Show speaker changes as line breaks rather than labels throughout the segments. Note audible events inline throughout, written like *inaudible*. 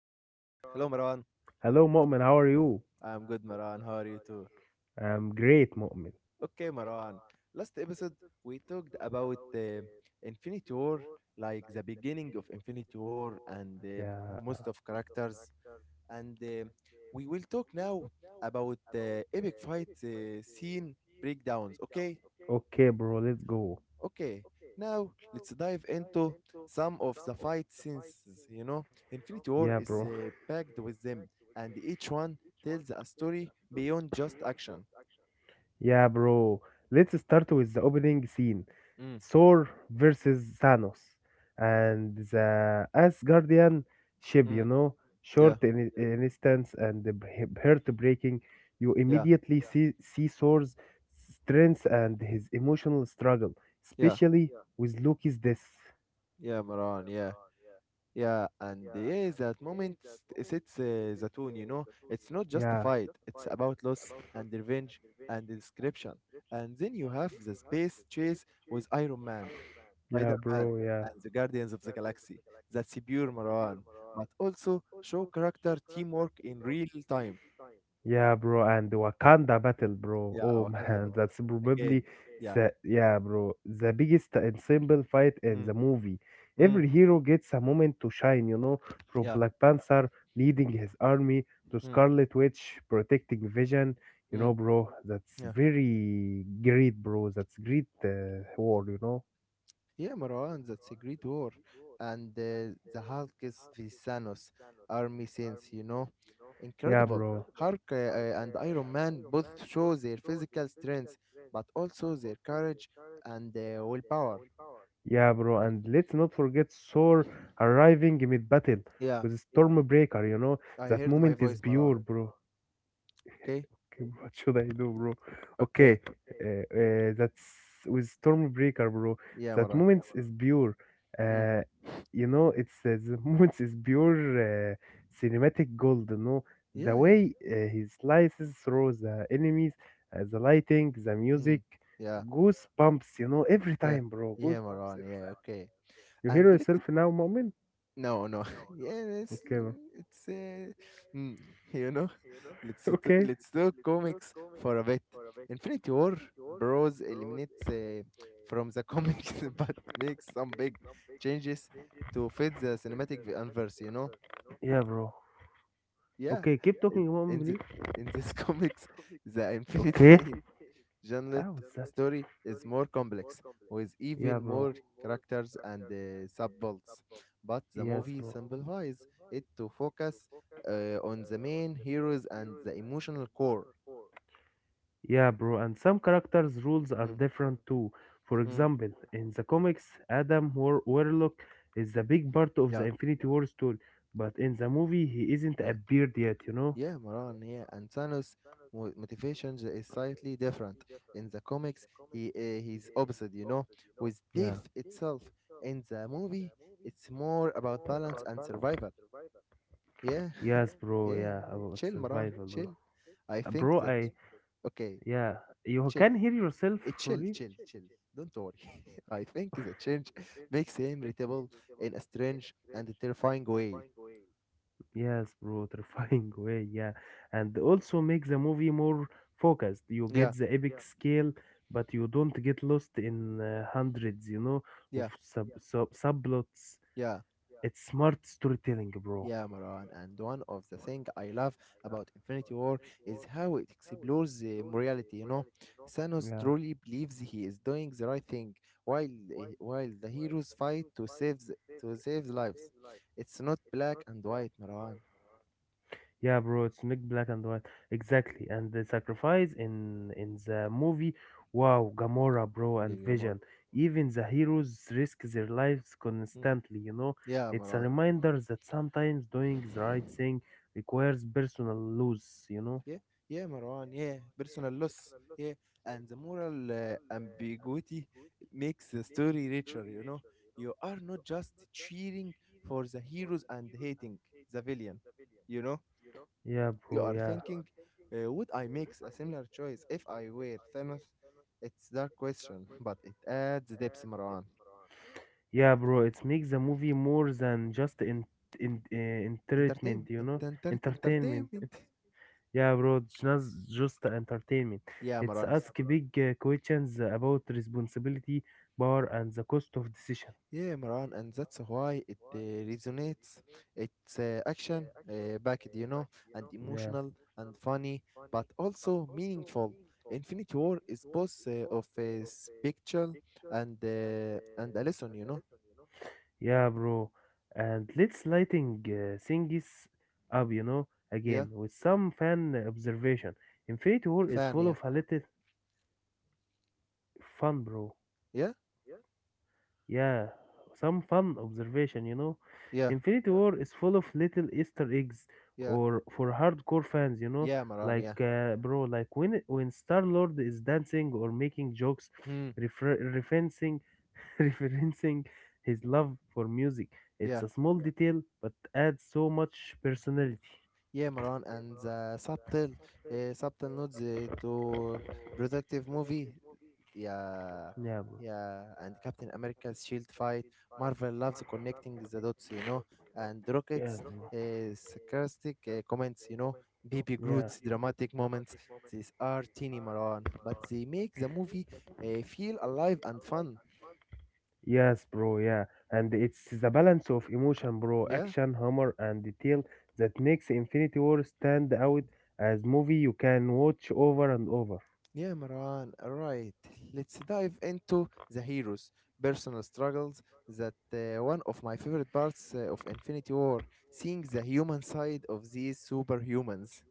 Hello Marwan,
Hello, Mu'min. How are you?
I'm good Marwan, how are you too?
I'm great, Mu'min.
Okay Marwan, last episode we talked about Infinity War, like the beginning of Infinity War and
Yeah.
most of characters and we will talk now about the epic fight scene breakdowns, okay?
Okay, bro. Let's go.
Okay, now let's dive into some of the fight scenes. You know, Infinity
Yeah,
War
bro.
is packed with them, and each one tells a story beyond just action.
Yeah, bro. Let's start with the opening scene.
Mm,
Thor versus Thanos and the Asgardian ship, you
mm,
know,
yeah,
short in instance and heartbreaking. You
yeah,
immediately see Thor's strength and his emotional struggle,
yeah,
especially with Loki's death.
yeah, Maran, yeah, yeah, and yeah, that moment sets the tone. You know, it's not just a
Yeah,
fight; it's about loss and revenge and description. And then you have the space chase with Iron Man
yeah,
Spider-Man
bro, yeah.
and the Guardians of the Galaxy. That's pure Marwan, but also show character teamwork in real time.
Yeah, bro, and the Wakanda battle, bro.
Yeah,
Oh *laughs*
Wakanda, but
man, that's
again,
probably
yeah,
the biggest and simple fight in
mm,
the movie.
mm,
Every hero gets a moment to shine, you know, from
yeah,
Black Panther leading his army to
mm,
Scarlet Witch protecting Vision. You
mm,
know, bro, that's
yeah,
very great, bro. That's great war, you know.
yeah, Marwan. That's a great war, and the Hulk is the Thanos army sense, you know,
Yeah,
incredible.
bro.
Hulk and Iron Man both show their physical strength, but also their courage and willpower.
Yeah, bro, and let's not forget Thor arriving mid battle
Yeah,
with Stormbreaker, you know.
I
That
heard my
moment is
voice,
pure,
Marwan.
bro.
Okay.
*laughs* What should I do, *laughs* bro? Okay,
Okay.
uh, that's with Stormbreaker, bro.
Yeah,
That
Maran.
moments is pure.
Mm.
Uh, you know, it's the *laughs* moments is pure cinematic gold. You know, the
Yeah, yeah.
way he slices through the enemies, the lighting, the music,
Mm. Yeah,
goosebumps. You know, every
yeah.
time, bro,
Yeah,
goosebumps
Maran.
every
Yeah,
time.
okay.
You
And
hear
let
yourself now, moment?
No, no. *laughs* Yeah, it's
Okay, bro.
it's mm, *laughs* you know, *laughs* let's
*laughs*
t-
Okay.
let's do comics for a bit. Infinity War Bros eliminates from the comics *laughs* but makes some big changes to fit the cinematic universe, you know?
Yeah, bro.
Yeah.
Okay, keep talking,
In,
moment,
in the
please.
in this *laughs* comics, the
Okay.
Infinity
How
Janet's
is that?
story is more complex, with
Yeah,
even
bro.
more characters and subplots, but the
Yes,
movie
bro.
simplifies it to focus on the main heroes and the emotional core.
Yeah, bro. And some characters' rules are
Mm,
different too. For
mm,
example, in the comics, Warlock is the big part of
yeah,
the Infinity War story, but in the movie, he isn't
yeah,
appeared yet. You know?
yeah, Maran, yeah, and Thanos' motivation is slightly different. In the comics, he's opposite, you know, with
Yeah.
death itself. In the movie, it's more about balance and survival. Yeah,
Yes,
*laughs*
bro.
yeah.
Yeah, about
Chill, Maran.
survival,
Chill.
bro.
I think
Bro,
that
I.
okay.
Yeah, you
Chill.
can hear yourself,
It
for
chill,
real?
chill, chill. Don't worry. *laughs* I think the change *laughs* makes him irritable in a strange and terrifying way.
Yes, bro, *laughs* terrifying way, yeah. And also make the movie more focused. You get
Yeah,
the Yeah, epic scale, but you don't get lost in hundreds, you know, of
yeah,
subplots.
yeah.
It's smart storytelling, bro.
Yeah, Maran, and one of the things I love about Infinity War is how it explores the morality. You know, Thanos
Yeah.
truly believes he is doing the right thing, while while the heroes fight to save lives. It's not black and white, Maran.
Yeah, bro, it's Nick Black and White. Exactly. And the sacrifice in the movie, wow, Gamora, bro, and
Gilgamore.
Vision. Even the heroes risk their lives
Mm.
constantly, you know?
Yeah,
It's a
Maran.
reminder that sometimes doing the right thing requires personal loss, you know?
Yeah, yeah, Marwan. Yeah, personal loss. Yeah, and the moral ambiguity makes the story richer. You know, you are not just cheering for the heroes and hating the villain. You know,
Yeah,
you
bro,
are
yeah.
thinking, would I make a similar choice if I were Thanos? It's dark question, but it adds depth, Marwan.
Yeah, bro, it makes the movie more than just entertainment, you know? Entertainment.
Entertainment. *laughs*
Yeah, bro, it's not just entertainment.
Yeah,
It's
Marwan.
ask big questions about responsibility, power, and the cost of decision.
Yeah, Maran, and that's why it resonates. It's action backed, you know, and
Yeah,
emotional and funny, but also meaningful. Infinity War is both of a spectral and and a lesson, you know.
yeah, bro. And let's lighting things up, you know,
Yeah,
again with some fan observation. Infinity War is
fan,
full
yeah,
of a little fun, bro.
yeah,
Yeah, some fun observation, you know.
yeah,
Infinity War is full of little Easter eggs
yeah,
or for hardcore fans, you know,
yeah, Maran, yeah,
like bro, like when Star-Lord is dancing or making jokes
hmm,
referencing *laughs* referencing his love for music. It's
yeah.
a small detail but adds so much personality.
Yeah, Maran, and the subtle nods to productive movie. Yeah,
Yeah, bro.
yeah, and Captain America's shield fight. Marvel loves connecting the dots, you know, and
Yes,
Rocket's
bro. Drama
sarcastic comments, you know, Baby
Yeah.
Groot's dramatic moments. These are teeny Maran, but they make the movie feel alive and fun.
Yes, bro, yeah. And it's the balance of emotion, bro,
Yeah.
action, humor, and detail that makes Infinity War stand out as movie you can watch over and over.
Yeah, Marwan, right. Let's dive into the heroes' personal struggles. That one of my favorite parts of Infinity War, seeing the human side of these superhumans.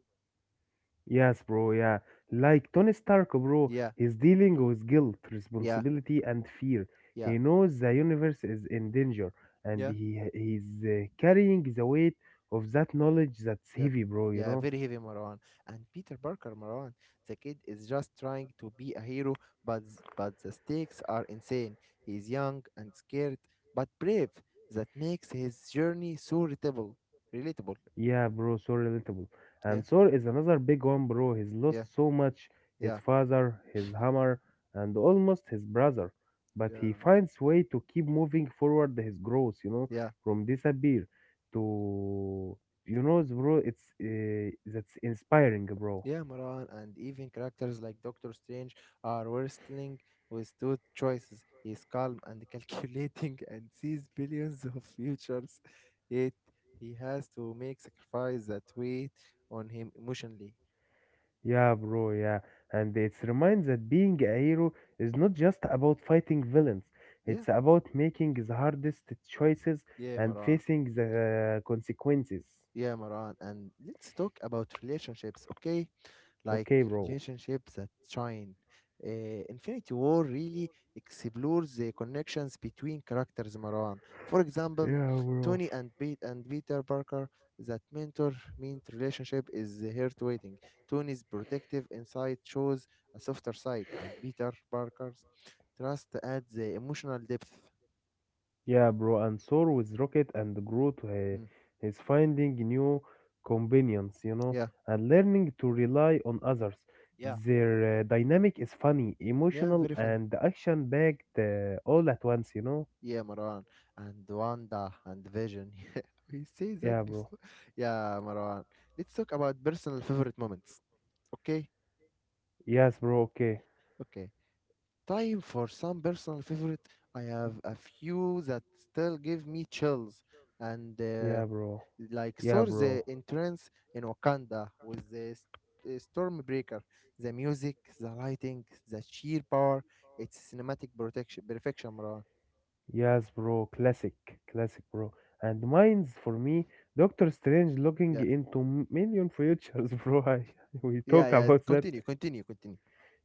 Yes, bro, yeah. Like Tony Stark, bro,
Yeah,
he's dealing with guilt,
yeah,
responsibility, and fear.
yeah,
He knows the universe is in danger, and
yeah,
he's carrying the weight of that knowledge that's
yeah,
heavy, bro, you
yeah.
know?
Very heavy, Marwan. And Peter Parker, Marwan, the kid is just trying to be a hero, but but the stakes are insane. He's young and scared, but brave. That makes his journey so relatable. Relatable.
Yeah, bro, so relatable.
Yeah,
And Sor is another big one, bro. He's
yeah,
lost so much his
yeah.
father, his hammer, and almost his brother. But he
Yeah,
finds way to keep moving forward his growth, you know,
yeah,
from disappear to, you know, bro, it's that's inspiring, bro.
yeah, Maran, and even characters like Doctor Strange are wrestling with two choices. He's calm and *laughs* calculating and sees billions of futures, yet he has to make sacrifice that weight on him emotionally.
Yeah, bro, yeah. And it's reminds that being a hero is not just about fighting villains.
Yeah,
It's about making the hardest choices
yeah,
and
Maran,
facing the consequences.
yeah, Maran, and let's talk about relationships, okay? Like
Okay, bro.
relationships that shine. Infinity War really explores the connections between characters, Marwan. For example,
Yeah, bro.
Tony and Peter Parker, that mentor meant relationship is the heart waiting. Tony's protective insight shows a softer side, and Peter Parker's trust adds the emotional depth.
Yeah, bro. And soar with Rocket and Groot, to
Mm,
he's finding new companions, you know,
yeah,
and learning to rely on others.
yeah.
Their dynamic is funny,
Yeah,
emotional,
very funny.
and action packed all at once, you know.
Yeah, Marwan and Wanda and Vision. *laughs* Yeah, we say that
Yeah, bro.
before. Yeah, Marwan. Let's talk about personal favorite moments. Okay?
Yes, bro. Okay.
Okay. Time for some personal favorite. I have a few that still give me chills. And
Yeah, bro.
like
Yeah,
saw
bro.
the entrance in Wakanda with the Stormbreaker, the music, the lighting, the sheer power. It's cinematic protection perfection, Marwan.
Yes, bro. Classic. Classic, bro. And mine's for me, Doctor Strange looking
Yeah.
into million futures, *laughs* bro. I, we
Yeah,
talk
yeah.
about that.
Continue, continue, continue.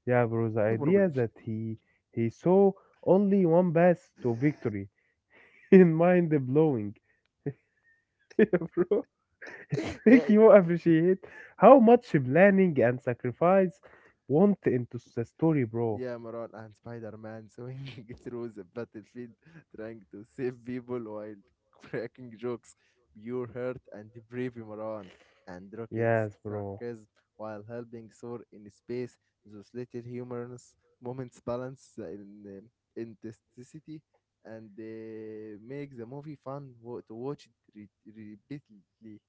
Yeah, bro, the
No
idea
problem.
that he saw only one path to victory *laughs* in mind blowing. *laughs* Yeah, bro, it
Yeah,
make
it,
you appreciate how much planning and sacrifice went into the story, bro.
yeah, Maran and Spider-Man swinging *laughs* through the battlefield, trying to save people while cracking jokes, pure hurt and bravery, Maran, and Rocket's
Yes, bro.
sarcasm while helping Thor in space. Those little humorous moments balance the intensity and make the movie fun to watch it repeatedly.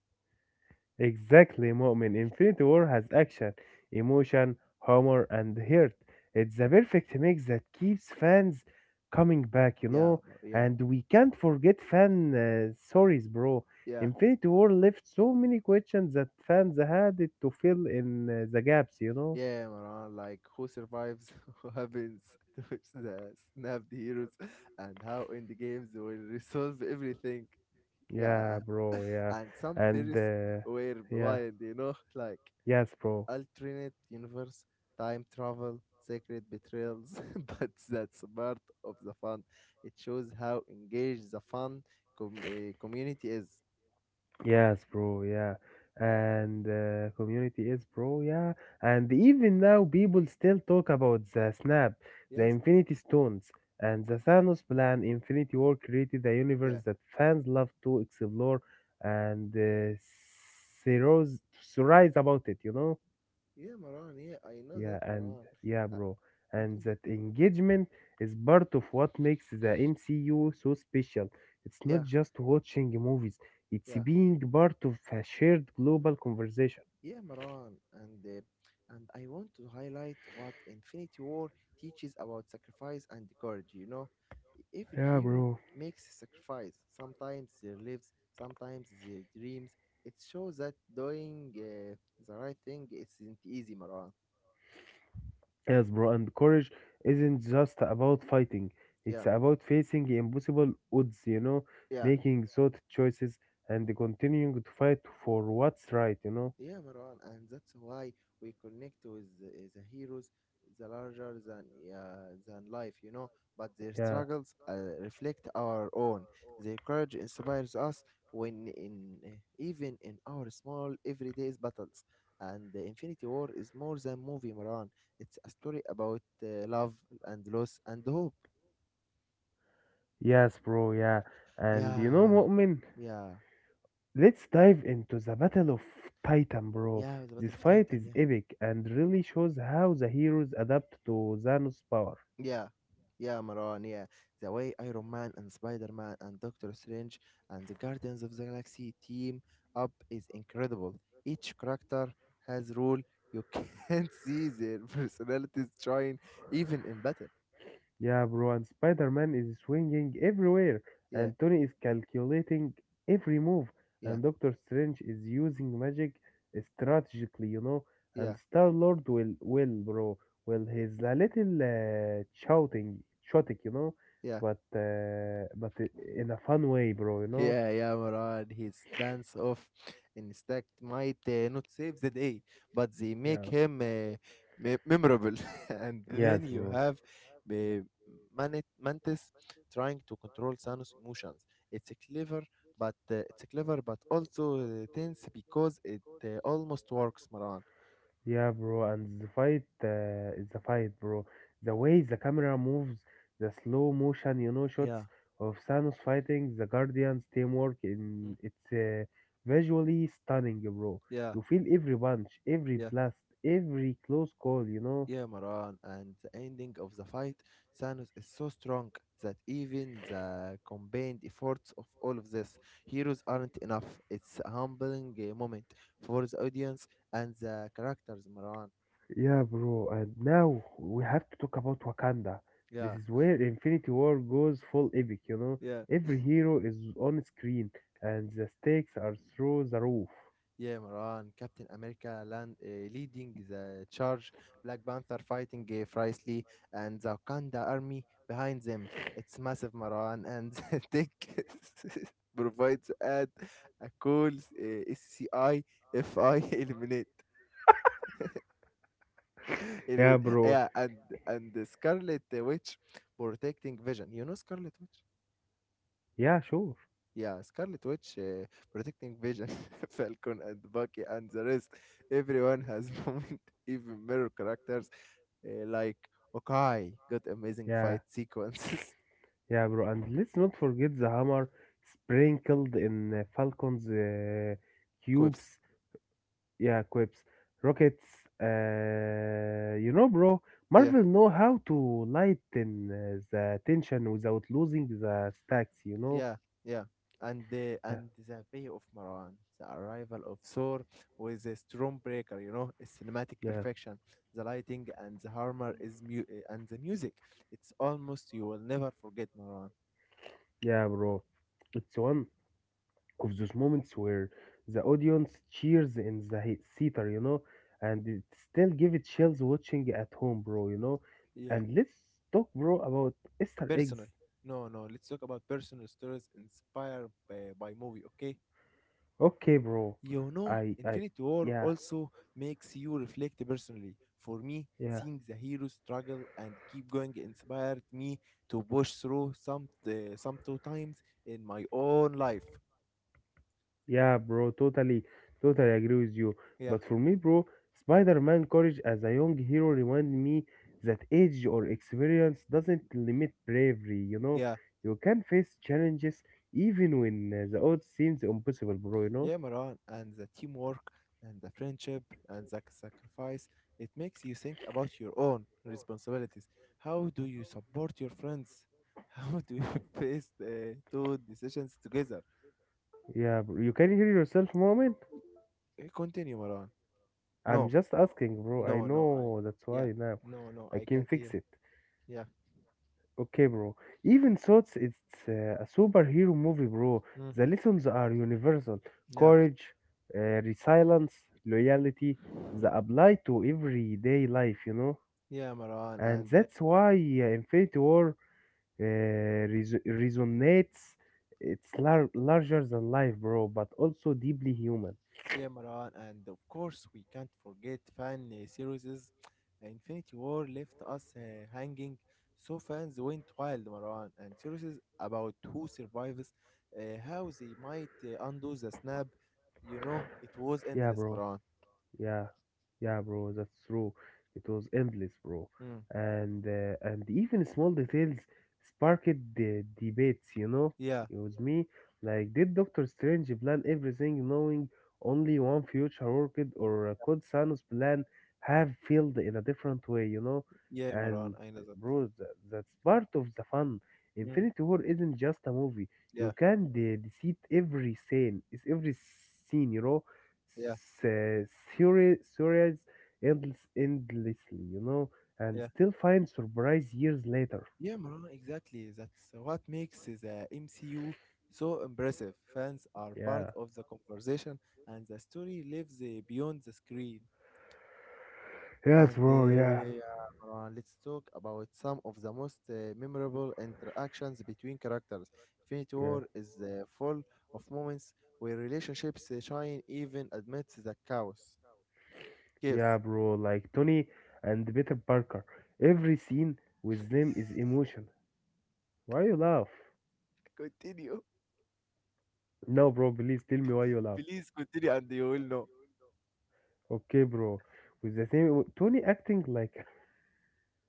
Exactly, Mu'min. Infinity War has action, emotion, humor, and heart. It's the perfect mix that keeps fans coming back, you
Yeah,
know.
Yeah,
And we can't forget fan stories, bro.
yeah.
Infinity War left so many questions that fans had it to fill in the gaps, you know.
Yeah, Maran, like who survives, *laughs* who happens to which the snapped heroes, and how end games will resolve everything. Yeah,
Yeah, bro. Yeah,
and some
and
theories
uh,
were
yeah,
wild, you know, *laughs* like
yes, bro.
alternate universe, time travel, secret betrayals. *laughs* But that's part of the fun. It shows how engaged the fun community is.
Yes, bro. Yeah. And community is, bro. Yeah. And even now, people still talk about the snap, the
Yes, no,
Infinity Stones, and the Thanos plan. Infinity War created a
yeah,
universe that fans love to explore and theorize about it, you know?
yeah, Maran, yeah, I know that,
Yeah, and
Maran.
yeah,
Uh,
bro. And
Continue.
that engagement is part of what makes the MCU so special. It's not
Yeah.
just watching movies, it's
Yeah,
being part of a shared global conversation.
yeah, Maran, and and I want to highlight what Infinity War teaches about sacrifice and courage. You know, every
Yeah,
hero
bro.
makes a sacrifice. Sometimes their lives, sometimes their dreams. It shows that doing the right thing isn't easy, Maran.
Yes, bro, and courage isn't just about fighting.
Yeah,
It's about facing impossible odds, you know,
yeah.
making thought choices and continuing to fight for what's right, you know?
Yeah, Marwan, and that's why we connect with the heroes, the larger than life, you know. But their
Yeah.
struggles reflect our own. Their courage inspires us when in even in our small everyday battles. And the Infinity War is more than movie, Marwan. It's a story about love and loss and hope.
Yes, bro, yeah. And you know,
Yeah,
Mu'min?
yeah,
Let's dive into the Battle of Titan, bro.
yeah. The
This
Battle of
fight
Titan.
is
Yeah.
epic and really shows how the heroes adapt to Thanos' power.
Yeah, yeah, Maran, yeah. The way Iron Man and Spider Man and Doctor Strange and the Guardians of the Galaxy team up is incredible. Each character has role you can't *laughs* see their personalities shine even in battle.
Yeah, bro, and Spider Man is swinging everywhere,
Yeah,
and Tony is calculating every move,
yeah,
and Doctor Strange is using magic strategically, you know. And
yeah,
Star Lord will, he's a little shouting, shouting, you know,
yeah.
but in a fun way, bro, you know.
Yeah, yeah, Moran. His dance off instinct might not save the day, but they make
Yeah.
him memorable. *laughs* And
Yes,
then you
bro.
have uh, Mantis trying to control Thanos' emotions. It's a clever, it's a clever, but also tense because it almost works, Moran.
Yeah, bro. And the fight, it's a fight, bro. The way the camera moves, the slow motion, you know, shots
Yeah,
of Thanos fighting the Guardians' teamwork,
mm,
in it's visually stunning, bro.
yeah,
You feel every punch, every
yeah.
blast, every close call, you know.
Yeah, Maran, and the ending of the fight, Thanos is so strong that even the combined efforts of all of this heroes aren't enough. It's a humbling moment for the audience and the characters, Maran.
Yeah, bro. And now we have to talk about Wakanda. This
Yeah,
is where Infinity War goes full epic, you know.
yeah.
Every hero is on screen, and the stakes are through the roof.
Yeah, Maran, Captain America leading the charge, Black Panther fighting Fricely, and the Wakanda army behind them. It's massive, Maran, and *laughs* the Tech *laughs* provides add a cool SCI FI *laughs* eliminate.
Yeah, bro.
Yeah, and the Scarlet Witch protecting Vision. You know Scarlet Witch?
Yeah, sure.
Yeah, Scarlet Witch protecting Vision, *laughs* Falcon, and Bucky, and the rest. Everyone has *laughs* moment, even mirror characters like Okai got amazing
Yeah,
fight sequences,
yeah, bro. And let's not forget the hammer sprinkled in Falcon's
*laughs* quips.
cubes. Yeah, quips, rockets. You know, bro.
Yeah,
Marvel know how to lighten the tension without losing the stacks. You know.
yeah, yeah. And the
Yeah,
and the Bay of Marwan, the arrival of Thor with a Stormbreaker. You know, a cinematic
yeah,
perfection. The lighting and the armor is and the music. It's almost you will never forget Marwan.
yeah, bro. It's one of those moments where the audience cheers in the theater, you know, and it still give it chills watching at home, bro, you know. And let's talk, bro, about Easter eggs.
Personal. No, no. Let's talk about personal stories inspired by movie. Okay.
Okay, bro.
You know,
I, I,
Infinity War
yeah,
also makes you reflect personally. For me,
yeah.
seeing the hero struggle and keep going inspired me to push through some two times in my own life.
Yeah, bro, totally, totally agree with you.
Yeah,
But for me, bro, Spider-Man courage as a young hero remind me that age or experience doesn't limit bravery, you know?
yeah.
You can face challenges even when the odds seems impossible, bro, you know?
Yeah, Maran, and the teamwork and the friendship and the sacrifice, it makes you think about your own responsibilities. How do you support your friends? *laughs* How do you *laughs* face the two decisions together?
Yeah, bro, you can hear yourself moment?
Continue, Maran.
I'm
No,
just asking, bro. I
no, no, I,
know that's
yeah,
why now.
no, no,
I
I
can
can't hear.
fix it.
Yeah,
Okay, bro. Even so, it's a superhero movie, bro.
mm,
The lessons are universal:
yeah,
courage, resilience, loyalty. They apply to everyday life, you know.
yeah, Maran,
And
and
that's why Infinity War uh, resonates. It's larger than life, bro, but also deeply human.
yeah, Maran, and of course we can't forget fan series. Infinity War left us hanging, so fans went wild, Maran, and series about who survives, how they might undo the snap. You know, it was
Yeah,
endless,
bro.
Maran.
Yeah, yeah, bro, that's true. It was endless, bro.
Mm.
And even small details sparked the debates, you know?
Yeah,
It was me. Like, did Doctor Strange plan everything knowing only one future worked, or could Thanos' plan have failed in a different way, you know?
yeah, Maran,
And,
I know that.
bro, that's part of the fun.
Mm.
Infinity War isn't just a movie. You
Yeah,
can deceit every scene. It's every scene, you know?
yeah,
se- series endless, endlessly, you know, and
yeah.
still find surprise years later.
Yeah, Maran, exactly. That's what makes the MCU so impressive. Fans are part
Yeah,
of the conversation, and the story lives beyond the screen.
Yes,
And
bro. Yeah.
Yeah, Maran, let's talk about some of the most memorable interactions between characters. Infinity
yeah,
War is full of moments where relationships shine, even amidst the chaos.
yeah,
Chaos.
bro. Like Tony and Peter Parker, every scene with them is emotion. Why you laugh?
Continue.
No, bro. Please tell me why you laugh.
Please continue, and you will know.
Okay, bro. With the same Tony acting like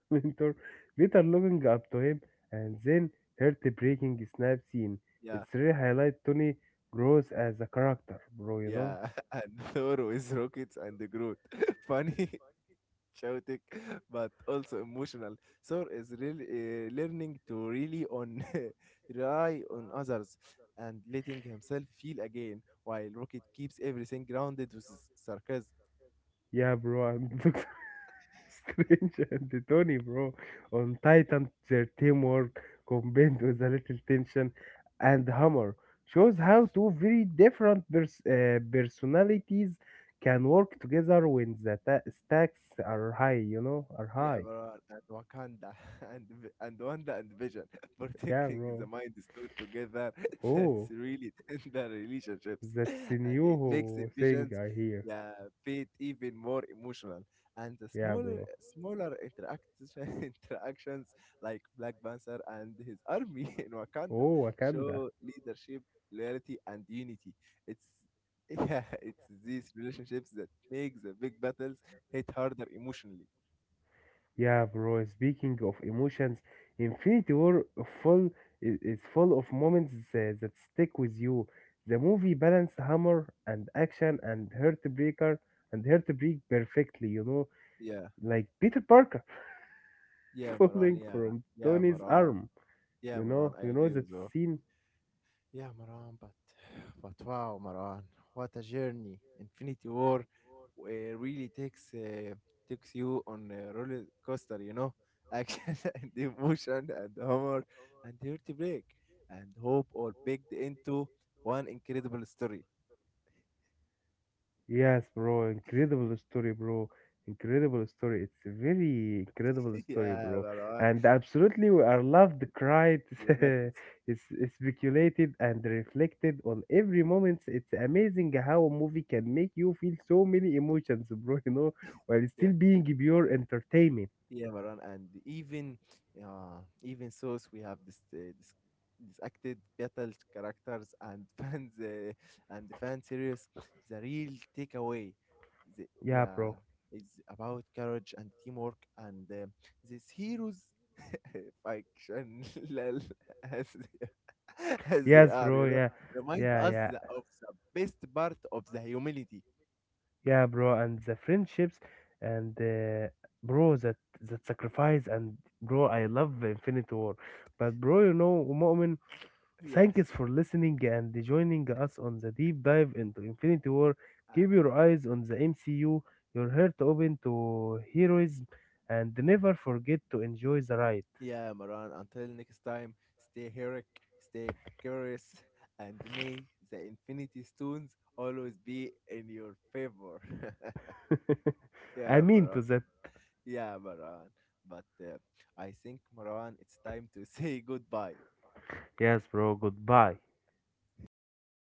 *laughs* mentor later looking up to him and then heartbreaking snap scene. It's really highlight Tony grows as a character, bro, you know?
Yeah, *laughs* and Thor with rockets and the Groot. *laughs* Funny, *laughs* chaotic, but also emotional. Thor is really learning to really on *laughs* rely on others and letting himself feel again, while Rocket keeps everything grounded with his sarcasm.
Yeah, bro, I'm *laughs* Doctor Strange and the Tony, bro. On Titan, their teamwork combined with a little tension and humor shows how two very different personalities can work together when the stacks are high, you know, are
Yeah,
high.
Barar and Wakanda *laughs* and Wanda and Vision *laughs*
Yeah,
protecting the
bro.
Mind Stone together. *laughs* That's
Oh.
really tender relationships,
That's a
*laughs* and it makes
new
the
thing I
Vision's,
hear.
yeah, fate even more emotional. And the
Yeah,
smaller
bro.
smaller interaction *laughs* interactions like Black Panther and his army *laughs* in Wakanda
Oh, Wakanda.
show leadership, loyalty, and unity. It's *laughs* yeah, it's these relationships that make the big battles hit harder emotionally.
Yeah, bro. Speaking of emotions, Infinity War full i- is full of moments that stick with you. The movie balanced humor and action and heartbreak perfectly. You know,
Yeah.
like Peter Parker
Yeah,
*laughs*
Maran.
falling
Yeah,
from
yeah,
Tony's
Maran.
arm.
Yeah, Maran. I
You know
agree
that
with you.
scene.
Yeah, Maran. But *sighs* but wow, Maran, what a journey! Infinity War uh, really takes you on a roller coaster. You know, action *laughs* and emotion and humor and heartbreak and hope all baked into one incredible story.
Yes, bro, incredible story, bro. Incredible story. It's a very incredible
*laughs*
story,
Yeah,
bro.
Maran,
And absolutely, we are loved, cried, *laughs*
you got
it's,
this.
it's speculated, and reflected on every moment. It's amazing how a movie can make you feel so many emotions, bro, you know, while
Yeah.
still being pure entertainment.
Yeah, Maran, and even source we have this this acted battle characters and *laughs* fans and the fan series. The real takeaway, the,
Yeah,
yeah,
bro.
it's about courage and teamwork and these heroes *laughs* fiction *laughs* lol, as they, *laughs* as they
Yes,
are,
bro.
you know,
Yeah,
remind
yeah,
us
yeah.
of the best part of the humanity.
Yeah, bro, and the friendships and bro, that sacrifice, and bro, I love Infinity War, but bro, you know, Mu'min,
Yeah.
thanks for listening and joining us on the deep dive into Infinity War. Keep
*laughs*
your eyes on the MCU, your heart open to heroism, and never forget to enjoy the ride.
Yeah, Maran, until next time, stay heroic, stay curious, and may the infinity stones always be in your favor. *laughs*
*laughs*
Yeah,
I mean
Maran.
to that.
Yeah, Maran. But I think, Maran, it's time to *laughs* say goodbye.
Yes, bro, goodbye.